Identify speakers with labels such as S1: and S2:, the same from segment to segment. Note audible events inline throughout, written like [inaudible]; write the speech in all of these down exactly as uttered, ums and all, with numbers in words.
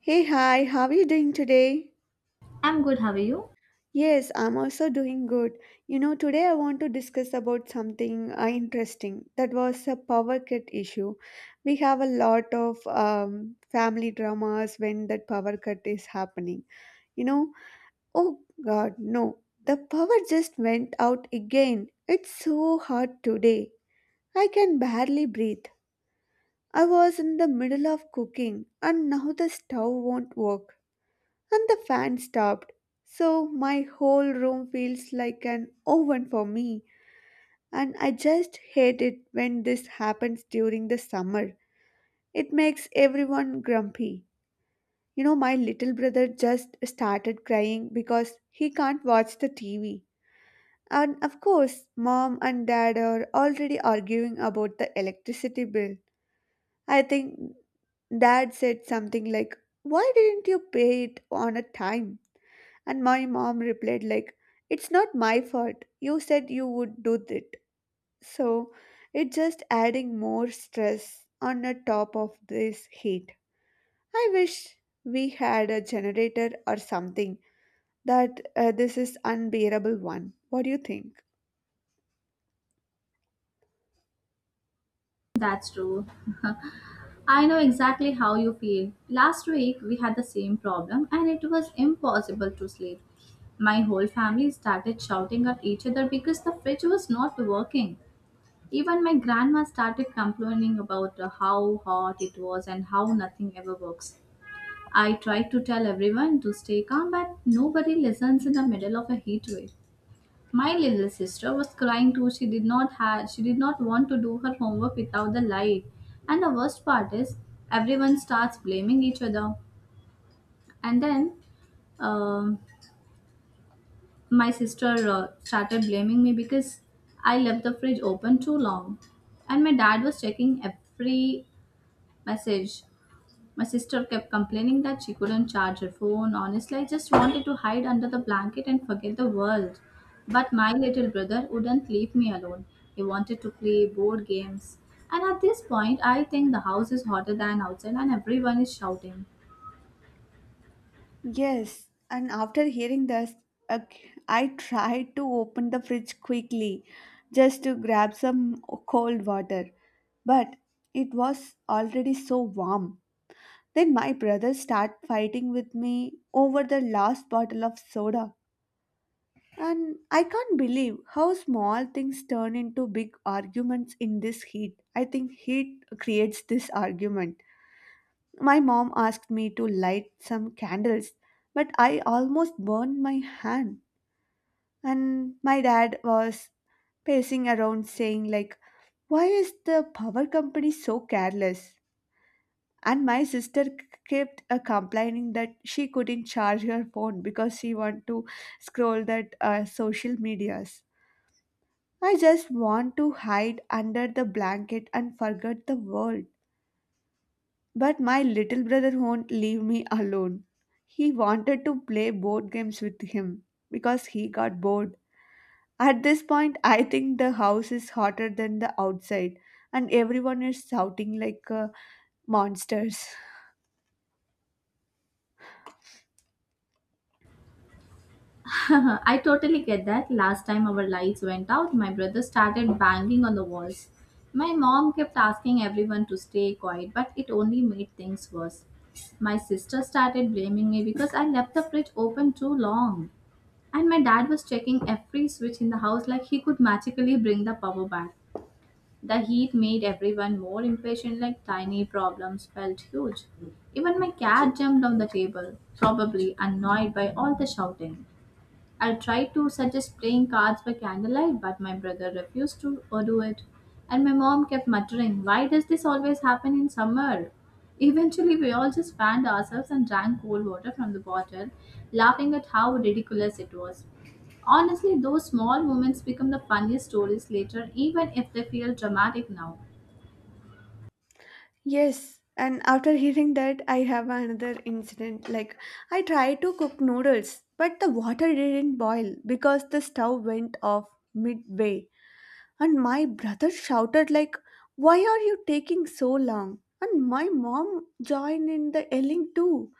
S1: Hey, hi, how are you doing today?
S2: I'm good, how are you?
S1: Yes, I'm also doing good. You know, today I want to discuss about something uh, interesting. That was a power cut issue. We have a lot of um, family dramas when that power cut is happening. You know, oh God, no, the power just went out again. It's so hot today. I can barely breathe. I was in the middle of cooking and now the stove won't work. And the fan stopped. So my whole room feels like an oven for me, and I just hate it when this happens during the summer. It makes everyone grumpy. You know, my little brother just started crying because he can't watch the T V. And of course, mom and dad are already arguing about the electricity bill. I think dad said something like, "Why didn't you pay it on a time?" And my mom replied like, "It's not my fault. You said you would do it." So, it's just adding more stress on the top of this heat. I wish we had a generator or something that uh, this is unbearable one. What do you think?
S2: That's true. [laughs] I know exactly how you feel. Last week we had the same problem and it was impossible to sleep. My whole family started shouting at each other because the fridge was not working. Even my grandma started complaining about uh, how hot it was and how nothing ever works. I tried to tell everyone to stay calm, but nobody listens in the middle of a heat wave. My little sister was crying too. She did not have she did not want to do her homework without the light. And the worst part is everyone starts blaming each other. And then um, my sister uh, started blaming me because I left the fridge open too long. And my dad was checking every message. My sister kept complaining that she couldn't charge her phone. Honestly, I just wanted to hide under the blanket and forget the world. But my little brother wouldn't leave me alone. He wanted to play board games. And at this point, I think the house is hotter than outside and everyone is shouting.
S1: Yes, and after hearing this, uh, I tried to open the fridge quickly just to grab some cold water, but it was already so warm. Then my brothers start fighting with me over the last bottle of soda. And I can't believe how small things turn into big arguments in this heat. I think heat creates this argument. My mom asked me to light some candles, but I almost burned my hand. And my dad was pacing around saying like, "Why is the power company so careless?" And my sister k- kept uh, complaining that she couldn't charge her phone because she wanted to scroll that uh, social medias. I just want to hide under the blanket and forget the world. But my little brother won't leave me alone. He wanted to play board games with him because he got bored. At this point, I think the house is hotter than the outside, and everyone is shouting like uh, monsters.
S2: [laughs] I totally get that. Last time our lights went out, my brother started banging on the walls. My mom kept asking everyone to stay quiet, but it only made things worse. My sister started blaming me because I left the fridge open too long. And my dad was checking every switch in the house like he could magically bring the power back. The heat made everyone more impatient, like tiny problems felt huge. Even my cat jumped on the table, probably annoyed by all the shouting. I tried to suggest playing cards by candlelight, but my brother refused to uh, do it. And my mom kept muttering, "Why does this always happen in summer?" [laughs] Eventually, we all just fanned ourselves and drank cold water from the bottle, laughing at how ridiculous it was. Honestly, those small moments become the funniest stories later, even if they feel dramatic now.
S1: Yes, and after hearing that, I have another incident. Like, I tried to cook noodles, but the water didn't boil because the stove went off midway. And my brother shouted, like, "Why are you taking so long?" And my mom joined in the yelling too.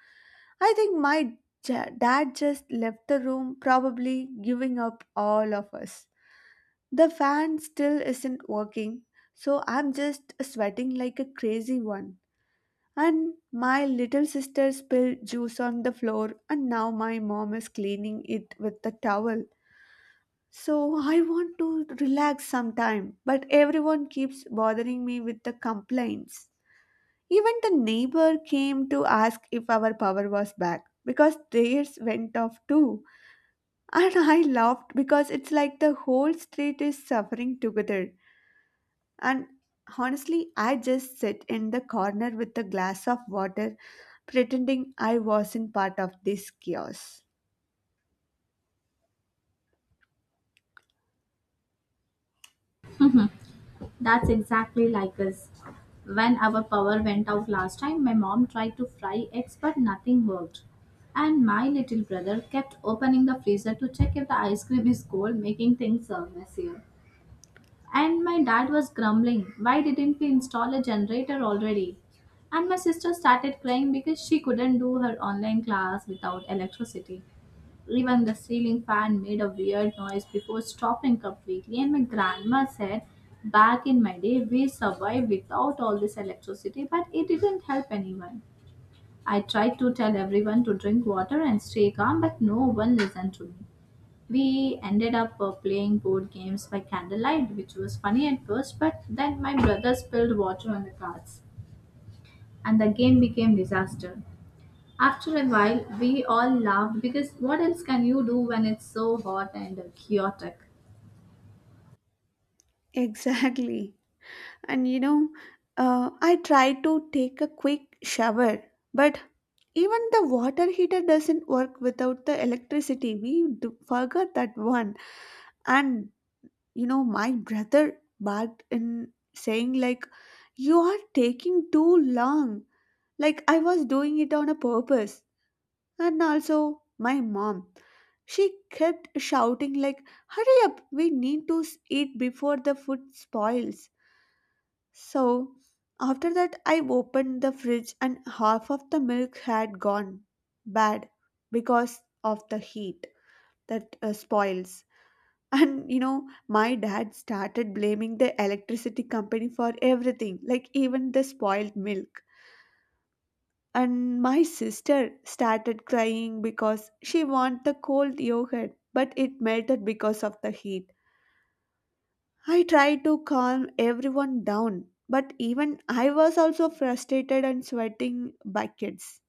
S1: I think my ja- dad just left the room, probably giving up all of us. The fan still isn't working, so I'm just sweating like a crazy one. And my little sister spilled juice on the floor, and now my mom is cleaning it with the towel. So I want to relax sometime, but everyone keeps bothering me with the complaints. Even the neighbor came to ask if our power was back because theirs went off too. And I laughed because it's like the whole street is suffering together. And honestly, I just sit in the corner with a glass of water, pretending I wasn't part of this chaos.
S2: That's exactly like us. When our power went out last time, my mom tried to fry eggs but nothing worked. And my little brother kept opening the freezer to check if the ice cream is cold, making things uh, messier. And my dad was grumbling, "Why didn't we install a generator already?" And my sister started crying because she couldn't do her online class without electricity. Even the ceiling fan made a weird noise before stopping completely, and my grandma said, "Back in my day, we survived without all this electricity," but it didn't help anyone. I tried to tell everyone to drink water and stay calm, but no one listened to me. We ended up uh, playing board games by candlelight, which was funny at first, but then my brother spilled water on the cards, and the game became disaster. After a while, we all laughed because what else can you do when it's so hot and uh, chaotic?
S1: [laughs] Exactly. And you know, uh, I try to take a quick shower, but even the water heater doesn't work without the electricity. We do forgot that one. And you know, my brother barked in saying, like, "You are taking too long." Like, I was doing it on a purpose. And also, my mom. She kept shouting, like, "Hurry up, we need to s- eat before the food spoils." So, after that, I opened the fridge and half of the milk had gone bad because of the heat that uh, spoils. And you know, my dad started blaming the electricity company for everything, like even the spoiled milk. And my sister started crying because she wanted the cold yogurt, but it melted because of the heat. I tried to calm everyone down, but even I was also frustrated and sweating buckets.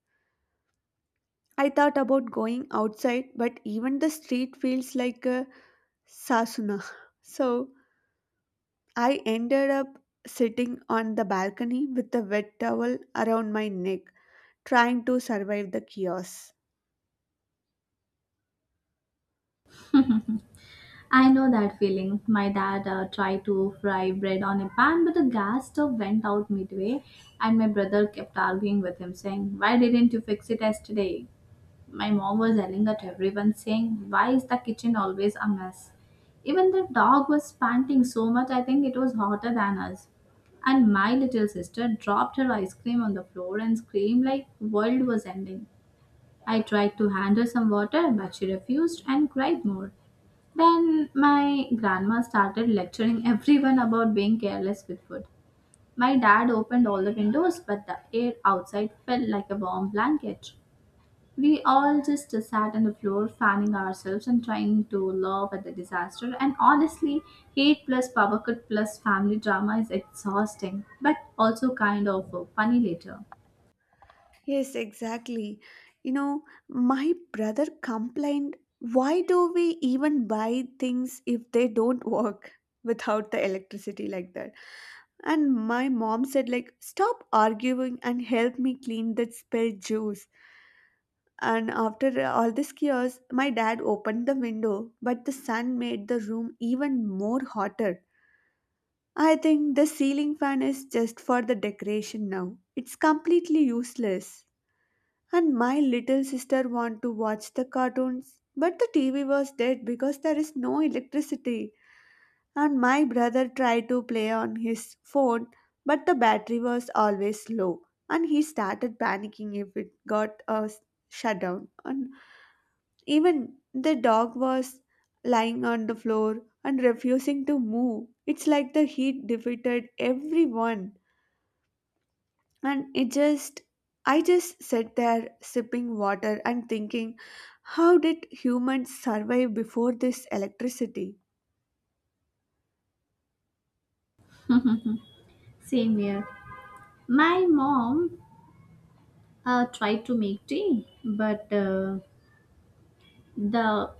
S1: I thought about going outside, but even the street feels like a sasuna. So I ended up sitting on the balcony with a wet towel around my neck, trying to survive the chaos.
S2: I know that feeling. My dad uh, tried to fry bread on a pan, but the gas stove went out midway, and my brother kept arguing with him, saying, "Why didn't you fix it yesterday?" My mom was yelling at everyone, saying, "Why is the kitchen always a mess?" Even the dog was panting so much, I think it was hotter than us. And my little sister dropped her ice cream on the floor and screamed like world was ending. I tried to hand her some water, but she refused and cried more. Then my grandma started lecturing everyone about being careless with food. My dad opened all the windows, but the air outside felt like a warm blanket. We all just sat on the floor, fanning ourselves and trying to laugh at the disaster. And honestly, hate plus power cut plus family drama is exhausting, but also kind of uh, funny later.
S1: Yes, exactly. You know, my brother complained, "Why do we even buy things if they don't [laughs] work without the electricity like that?" And my mom said like, "Stop arguing and help me clean that spilled juice." And after all this chaos, my dad opened the window, but the sun made the room even more hotter. I think the ceiling fan is just for the decoration now. It's completely useless. And my little sister want to watch the cartoons, but the T V was dead because there is no electricity. And my brother tried to play on his phone, but the battery was always low. And he started panicking if it got a s- shutdown. And even the dog was lying on the floor and refusing to move. It's like the heat defeated everyone. And it just I just sat there sipping water and thinking, how did humans survive before this electricity?
S2: [laughs] Same here. My mom uh, tried to make tea, but uh, the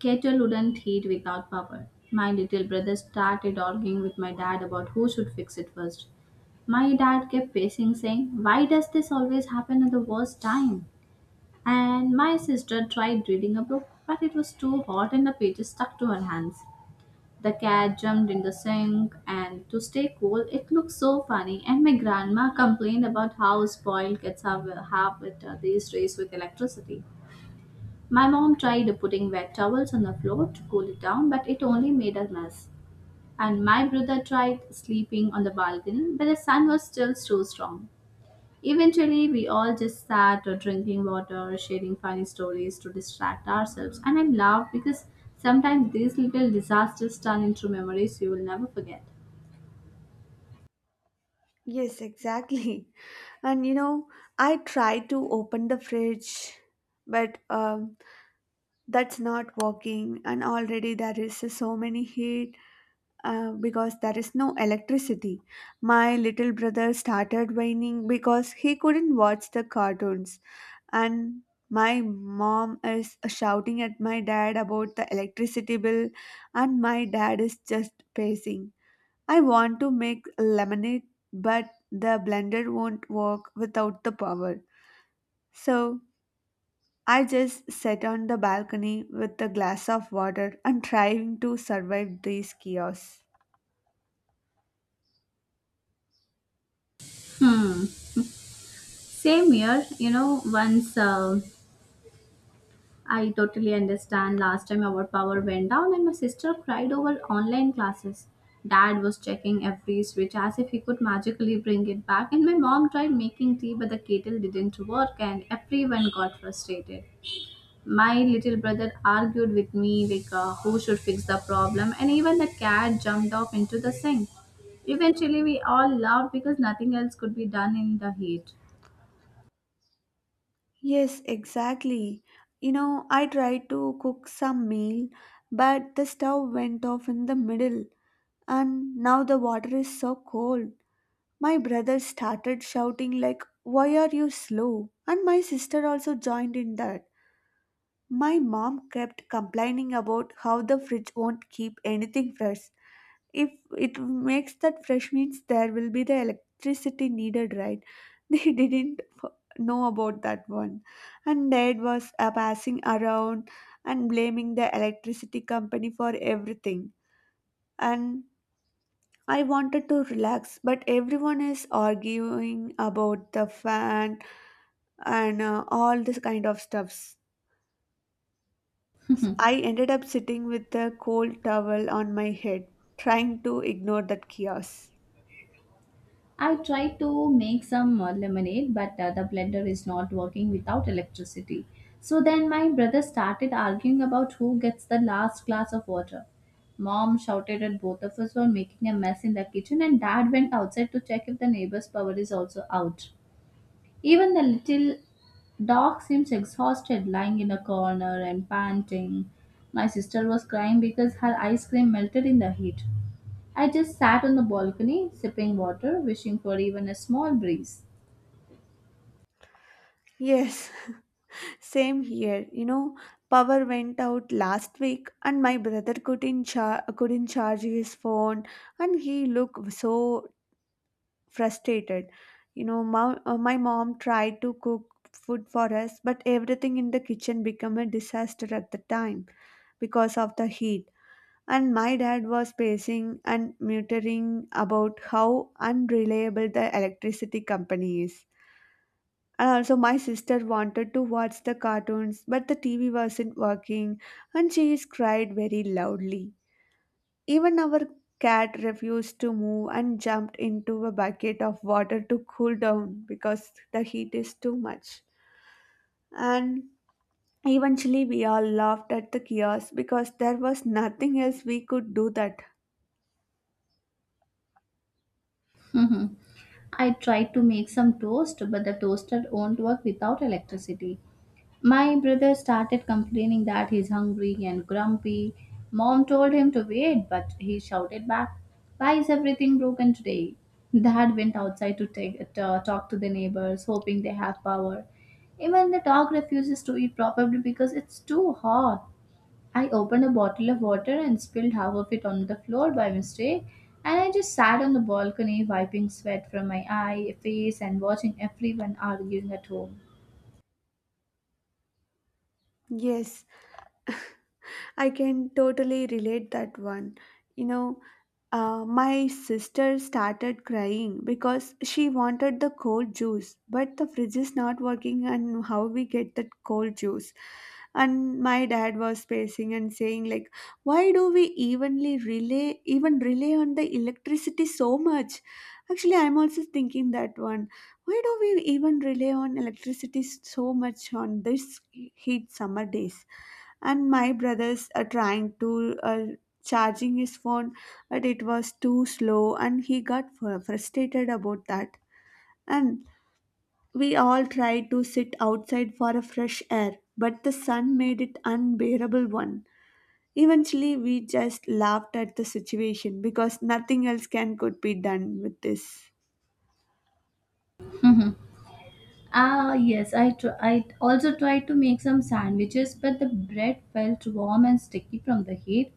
S2: kettle wouldn't heat without power. My little brother started arguing with my dad about who should fix it first. My dad kept pacing, saying, "Why does this always happen at the worst time?" And my sister tried reading a book, but it was too hot and the pages stuck to her hands. The cat jumped in the sink, and to stay cool, it looked so funny. And my grandma complained about how spoiled kids have, have with uh, these days with electricity. My mom tried putting wet towels on the floor to cool it down, but it only made a mess. And my brother tried sleeping on the balcony, but the sun was still too strong. Eventually, we all just sat uh, drinking water, sharing funny stories to distract ourselves, and I laughed because sometimes these little disasters turn into memories you will never forget.
S1: Yes, exactly. [laughs] And you know, I tried to open the fridge, but um, that's not working, and already there is so many heat uh, because there is no electricity. My little brother started whining because he couldn't watch the cartoons, and my mom is shouting at my dad about the electricity bill, and my dad is just pacing. I want to make lemonade, but the blender won't work without the power. So I just sit on the balcony with a glass of water and trying to survive these chaos.
S2: Hmm. Same here, you know, once uh, I totally understand. Last time our power went down and my sister cried over online classes. Dad was checking every switch as if he could magically bring it back, and my mom tried making tea, but the kettle didn't work, and everyone got frustrated. My little brother argued with me, like uh, who should fix the problem, and even the cat jumped off into the sink. Eventually, we all laughed because nothing else could be done in the heat.
S1: Yes, exactly. You know, I tried to cook some meal, but the stove went off in the middle, and now the water is so cold. My brother started shouting like, "Why are you slow?" And my sister also joined in that. My mom kept complaining about how the fridge won't keep anything fresh. If it makes that fresh means there will be the electricity needed, right? [laughs] They didn't f- know about that one. And dad was uh, passing around and blaming the electricity company for everything. And I wanted to relax, but everyone is arguing about the fan and uh, all this kind of stuffs. I ended up sitting with a cold towel on my head, trying to ignore that chaos.
S2: I tried to make some uh, lemonade, but uh, the blender is not working without electricity. So then my brother started arguing about who gets the last glass of water. Mom shouted at both of us for making a mess in the kitchen, and dad went outside to check if the neighbor's power is also out. Even the little dog seems exhausted, lying in a corner and panting. My sister was crying because her ice cream melted in the heat. I just sat on the balcony, sipping water, wishing for even a small breeze.
S1: Yes, [laughs] same here. You know, power went out last week, and my brother couldn't char- couldn't charge his phone, and he looked so frustrated. You know, my, uh, my mom tried to cook food for us, but everything in the kitchen became a disaster at the time because of the heat. And my dad was pacing and muttering about how unreliable the electricity company is. And also, my sister wanted to watch the cartoons, but the T V wasn't working, and she cried very loudly. Even our cat refused to move and jumped into a bucket of water to cool down because the heat is too much. And eventually, we all laughed at the chaos because there was nothing else we could do that.
S2: Mhm. I tried to make some toast, but the toaster won't work without electricity. My brother started complaining that he's hungry and grumpy. Mom told him to wait, but he shouted back, "Why is everything broken today?" Dad went outside to take, to uh, talk to the neighbors, hoping they have power. Even the dog refuses to eat, probably because it's too hot. I opened a bottle of water and spilled half of it on the floor by mistake, and I just sat on the balcony wiping sweat from my eye, face, and watching everyone arguing at home.
S1: Yes, I can totally relate that one. You know, Uh, my sister started crying because she wanted the cold juice, but the fridge is not working, and how we get that cold juice? And my dad was pacing and saying like, "Why do we evenly relay even rely on the electricity so much?" Actually, I'm also thinking that one. Why do we even rely on electricity so much on this heat summer days? And my brothers are trying to uh, charging his phone, but it was too slow and he got fr- frustrated about that. And we all tried to sit outside for a fresh air, but the sun made it unbearable one. Eventually, we just laughed at the situation because nothing else can could be done with this.
S2: [laughs] Ah, yes, I, tr- I also tried to make some sandwiches, but the bread felt warm and sticky from the heat.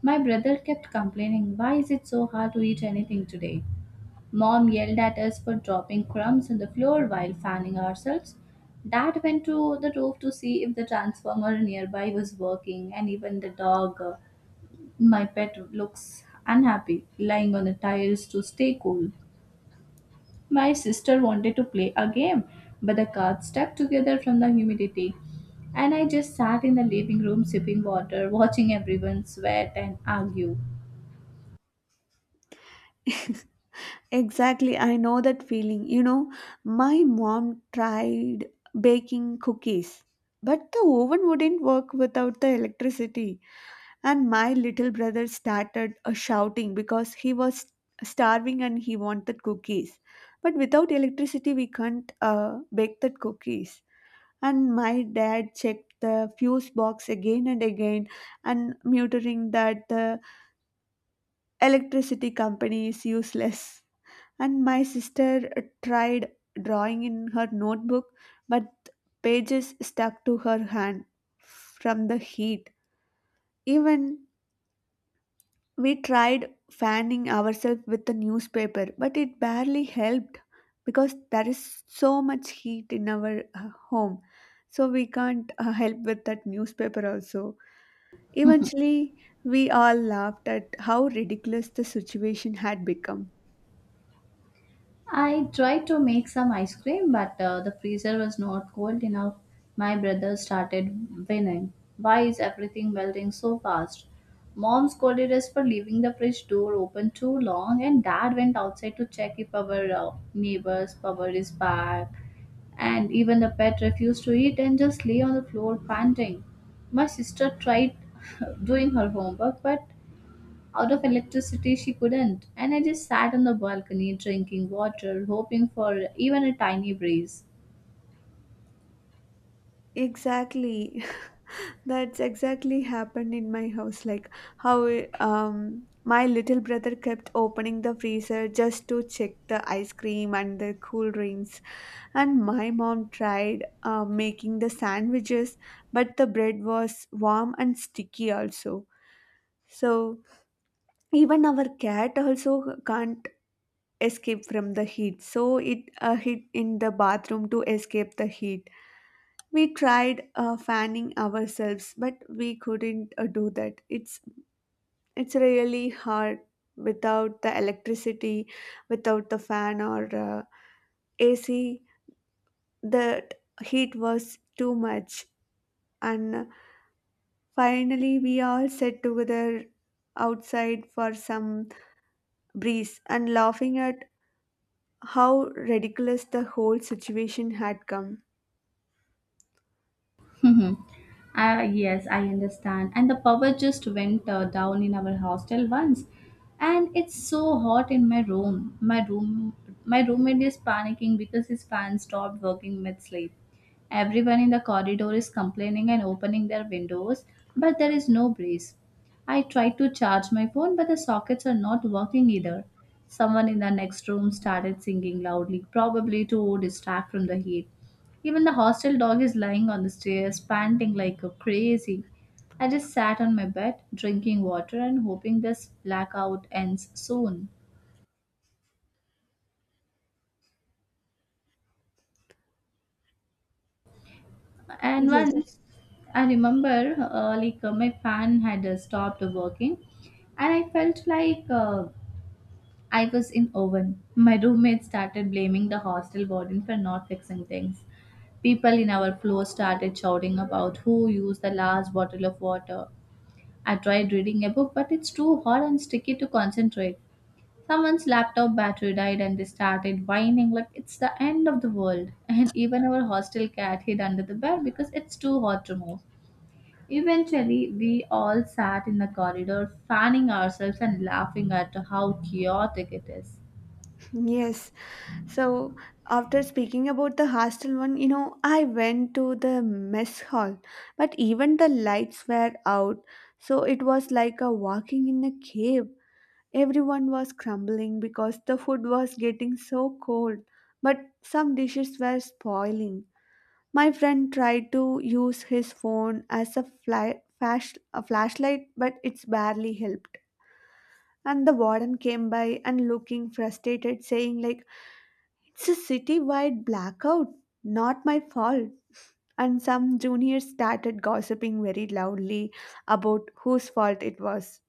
S2: My brother kept complaining, "Why is it so hard to eat anything today?" Mom yelled at us for dropping crumbs on the floor while fanning ourselves. Dad went to the roof to see if the transformer nearby was working, and even the dog, uh, my pet, looks unhappy, lying on the tiles to stay cool. My sister wanted to play a game, but the cards stuck together from the humidity, and I just sat in the living room sipping water, watching everyone sweat and argue.
S1: Exactly, I know that feeling. You know, my mom tried baking cookies, but the oven wouldn't work without the electricity. And my little brother started uh, shouting because he was starving and he wanted cookies, but without electricity we can't uh, bake the cookies. And my dad checked the fuse box again and again, and muttering that the electricity company is useless. And my sister uh, tried drawing in her notebook, but pages stuck to her hand from the heat. Even we tried fanning ourselves with a newspaper, but it barely helped because there is so much heat in our uh, home. So we can't uh, help with that newspaper also. Eventually, we all laughed at how ridiculous the situation had become.
S2: I tried to make some ice cream, but uh, the freezer was not cold enough. My brother started whining. "Why is everything melting so fast?" Mom scolded us for leaving the fridge door open too long, and dad went outside to check if our uh, neighbor's power is back. And even the pet refused to eat and just lay on the floor panting. My sister tried [laughs] doing her homework, but out of electricity, she couldn't. And I just sat on the balcony drinking water, hoping for even a tiny breeze.
S1: Exactly. [laughs] That's exactly happened in my house. Like how um my little brother kept opening the freezer just to check the ice cream and the cool drinks. And my mom tried uh, making the sandwiches, but the bread was warm and sticky also. So even our cat also can't escape from the heat. So it uh, hid in the bathroom to escape the heat. We tried uh, fanning ourselves, but we couldn't uh, do that. It's it's really hard without the electricity, without the fan or uh, A C. The heat was too much and finally, we all sat together outside for some breeze and laughing at how ridiculous the whole situation had come.
S2: Mhm. Uh, yes, I understand. And the power just went uh, down in our hostel once, and it's so hot in my room. My room, my roommate is panicking because his fan stopped working mid sleep. Everyone in the corridor is complaining and opening their windows, but there is no breeze. I tried to charge my phone, but the sockets are not working either. Someone in the next room started singing loudly, probably to distract from the heat. Even the hostel dog is lying on the stairs, panting like a crazy. I just sat on my bed, drinking water and hoping this blackout ends soon. And
S1: Yes,
S2: once I remember, uh, like uh, my fan had uh, stopped working, and I felt like uh, I was in oven. My roommate started blaming the hostel warden for not fixing things. People in our floor started shouting about who used the last bottle of water. I tried reading a book, but it's too hot and sticky to concentrate. Someone's laptop battery died and they started whining like it's the end of the world. [laughs] And even our hostel cat hid under the bed because it's too hot to move. Eventually, we all sat in the corridor, fanning ourselves and laughing at how chaotic it is.
S1: yes. So, after speaking about the hostel one, you know, I went to the mess hall, but even the lights were out, so it was like a walking in a cave. Everyone was crumbling because the food was getting so cold, but some dishes were spoiling. My friend tried to use his phone as a fly, flash, a flashlight, but it's barely helped. And the warden came by and looking frustrated, saying like, "It's a city-wide blackout, not my fault." And some juniors started gossiping very loudly about whose fault it was.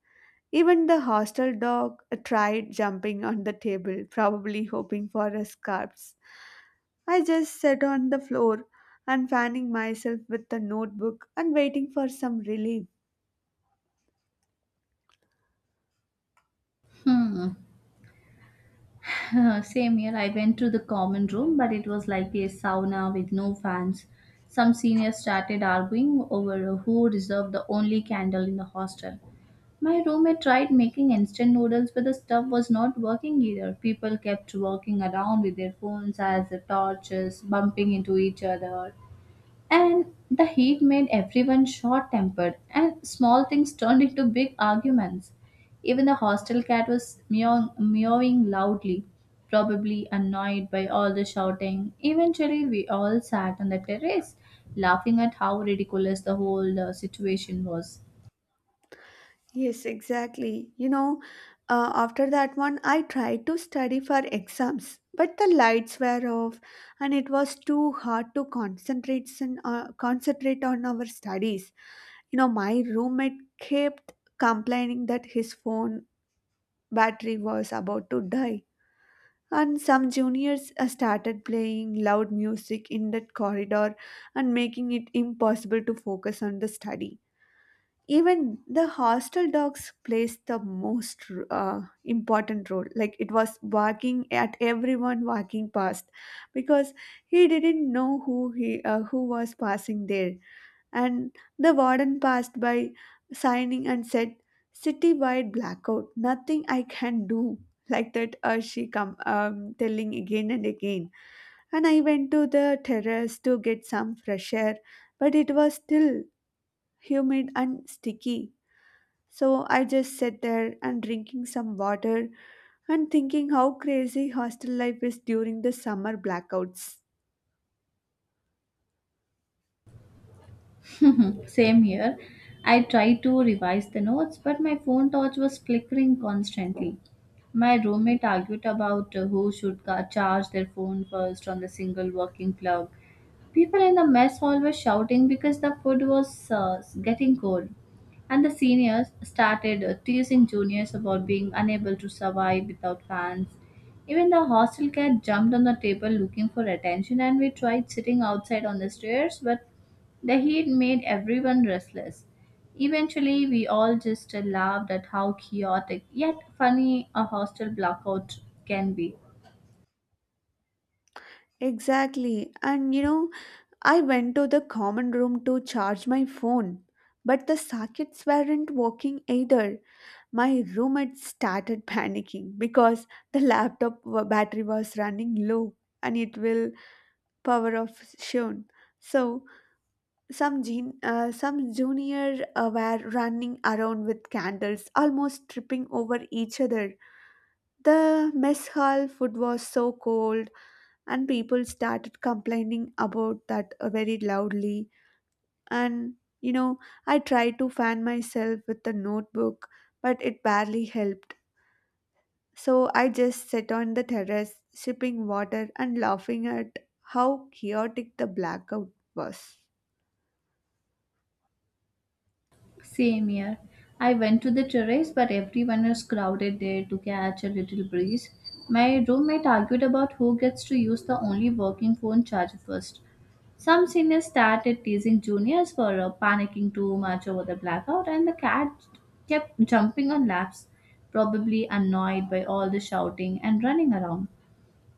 S1: Even the hostel dog tried jumping on the table, probably hoping for a scarps. I just sat on the floor and fanning myself with the notebook and waiting for some relief.
S2: Hmm. [laughs] Same year, I went to the common room, but it was like a sauna with no fans. Some seniors started arguing over who deserved the only candle in the hostel. My roommate tried making instant noodles, but the stuff was not working either. People kept walking around with their phones as the torches, bumping into each other. And the heat made everyone short tempered, and small things turned into big arguments. Even the hostel cat was meowing, meowing loudly, probably annoyed by all the shouting. Eventually, we all sat on the terrace, laughing at how ridiculous the whole uh, situation was.
S1: Yes, exactly. You know, uh, after that one, I tried to study for exams, but the lights were off, and it was too hard to concentrate on, uh, concentrate on our studies. You know, my roommate kept complaining that his phone battery was about to die, and some juniors uh, started playing loud music in that corridor and making it impossible to focus on the study. Even the hostel dogs plays the most uh, important role. Like it was barking at everyone walking past, because he didn't know who he uh, who was passing there, and the warden passed by signing and said, citywide blackout, nothing I can do, like that. Uh, she come um, telling again and again, and I went to the terrace to get some fresh air, but it was still humid and sticky. So I just sat there and drinking some water and thinking how crazy hostel life is during the summer blackouts.
S2: [laughs] Same here. I tried to revise the notes, but my phone torch was flickering constantly. My roommate argued about uh, who should ca- charge their phone first on the single working plug. People in the mess hall were shouting because the food was uh, getting cold, and the seniors started uh, teasing juniors about being unable to survive without fans. Even the hostel cat jumped on the table looking for attention, and we tried sitting outside on the stairs, but the heat made everyone restless. Eventually, we all just laughed at how chaotic yet funny a hostel blackout can be.
S1: Exactly, and you know, I went to the common room to charge my phone, but the sockets weren't working either. My roommate started panicking because the laptop wa- battery was running low and it will power off soon. So some gen- uh, some junior uh, were running around with candles, almost tripping over each other. The mess hall food was so cold, and people started complaining about that uh, very loudly, and you know, I tried to fan myself with the notebook, but it barely helped. So I just sat on the terrace sipping water and laughing at how chaotic the blackout was.
S2: Same here. I went to the terrace, but everyone was crowded there to catch a little breeze. My roommate argued about who gets to use the only working phone charger first. Some seniors started teasing juniors for uh, panicking too much over the blackout, and the cat kept jumping on laps, probably annoyed by all the shouting and running around.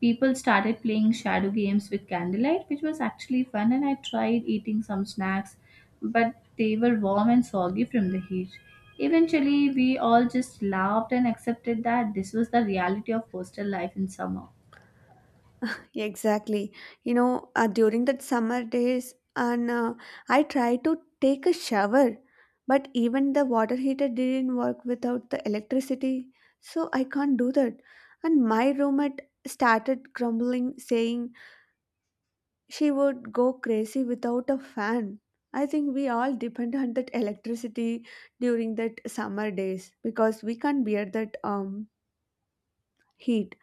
S2: People started playing shadow games with candlelight, which was actually fun. And I tried eating some snacks, but they were warm and soggy from the heat. Eventually, we all just laughed and accepted that this was the reality of hostel life in summer.
S1: Exactly. You know, uh, during that summer days, and uh, I tried to take a shower, but even the water heater didn't work without the electricity, so I can't do that. And my roommate started grumbling, saying she would go crazy without a fan. I think we all depend on that electricity during that summer days, because we can't bear that um heat.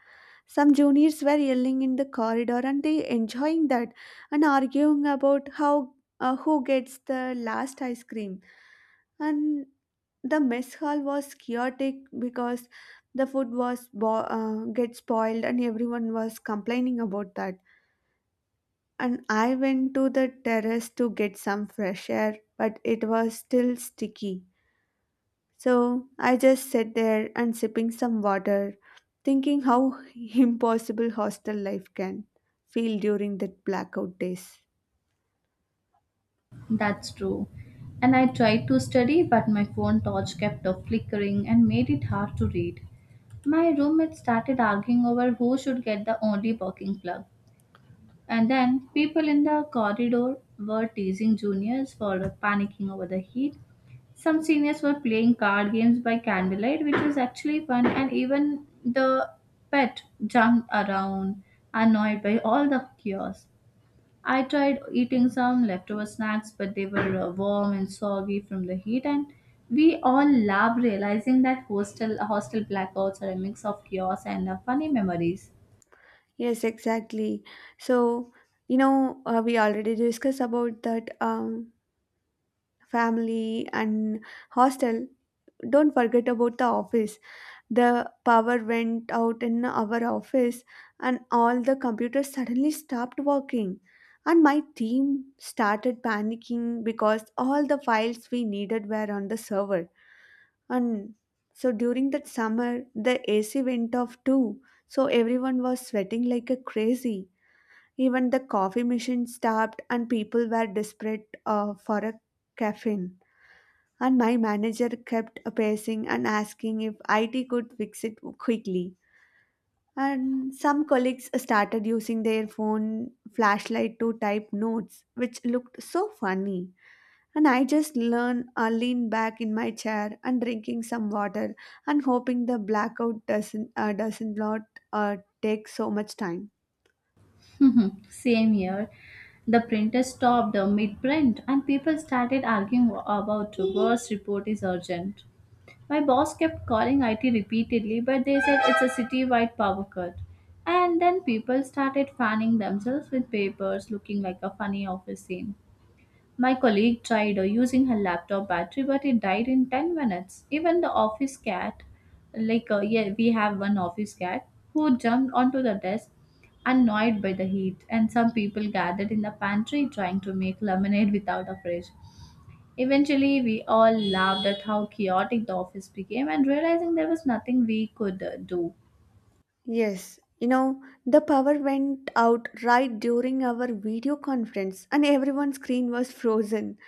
S1: Some juniors were yelling in the corridor and they enjoying that and arguing about how uh, who gets the last ice cream. And the mess hall was chaotic because the food was bo- uh, get spoiled and everyone was complaining about that, and I went to the terrace to get some fresh air, but it was still sticky. So I just sat there and sipping some water, thinking how [laughs] impossible hostel life can feel during the blackout days.
S2: That's true. And I tried to study, but my phone torch kept on flickering and made it hard to read. My roommate started arguing over who should get the only working plug. And then people in the corridor were teasing juniors for panicking over the heat. Some seniors were playing card games by candlelight, which was actually fun, and even the pet jumped around, annoyed by all the chaos. I tried eating some leftover snacks, but they were uh, warm and soggy from the heat, and we all laughed, realizing that hostel hostel blackouts are a mix of chaos and uh, funny memories.
S1: Yes, exactly. So, you know, uh, we already discussed about that um, family and hostel. Don't forget about the office. The power went out in our office, and all the computers suddenly stopped working. And my team started panicking because all the files we needed were on the server. And so during that summer, the A C went off too. So everyone was sweating like a crazy. Even the coffee machine stopped, and people were desperate uh, for a caffeine. And my manager kept pacing and asking if I T could fix it quickly. And some colleagues started using their phone flashlight to type notes, which looked so funny. And I just learn, uh, lean back in my chair and drinking some water and hoping the blackout doesn't uh, doesn't lot uh, take so much time.
S2: [laughs] Same here. The printer stopped mid print and people started arguing wa- about worst report is urgent. My boss kept calling I T repeatedly, but they said it's a city-wide power cut. And then people started fanning themselves with papers, looking like a funny office scene. My colleague tried uh, using her laptop battery, but it died in ten minutes. Even the office cat, like, uh, yeah, we have one office cat who jumped onto the desk, annoyed by the heat, and some people gathered in the pantry trying to make lemonade without a fridge. Eventually, we all laughed at how chaotic the office became and realizing there was nothing we could uh, do.
S1: Yes, you know, the power went out right during our video conference and everyone's screen was frozen.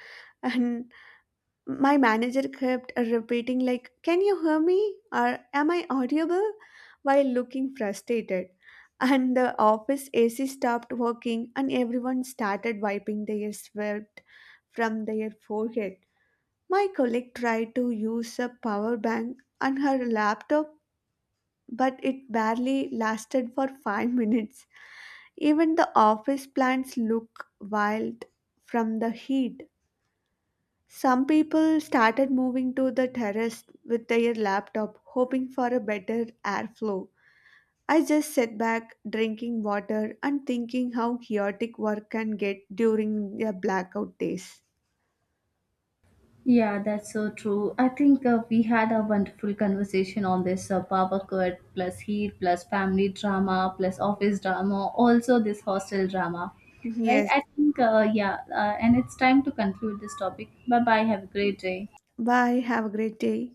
S1: And my manager kept repeating like, "Can you hear me?" or "Am I audible?" while looking frustrated. And the office A C stopped working and everyone started wiping their sweat from their forehead. My colleague tried to use a power bank on her laptop, but it barely lasted for five minutes. Even the office plants look wild from the heat. Some people started moving to the terrace with their laptop, hoping for a better airflow. I just sat back, drinking water, and thinking how chaotic work can get during the blackout days.
S2: Yeah, that's so true. I think uh, we had a wonderful conversation on this uh, power cut, plus heat, plus family drama, plus office drama, also this hostel drama. Right?
S1: Yes,
S2: I think, uh, yeah, uh, and it's time to conclude this topic. Bye bye. Have a great day.
S1: bye. Have a great day.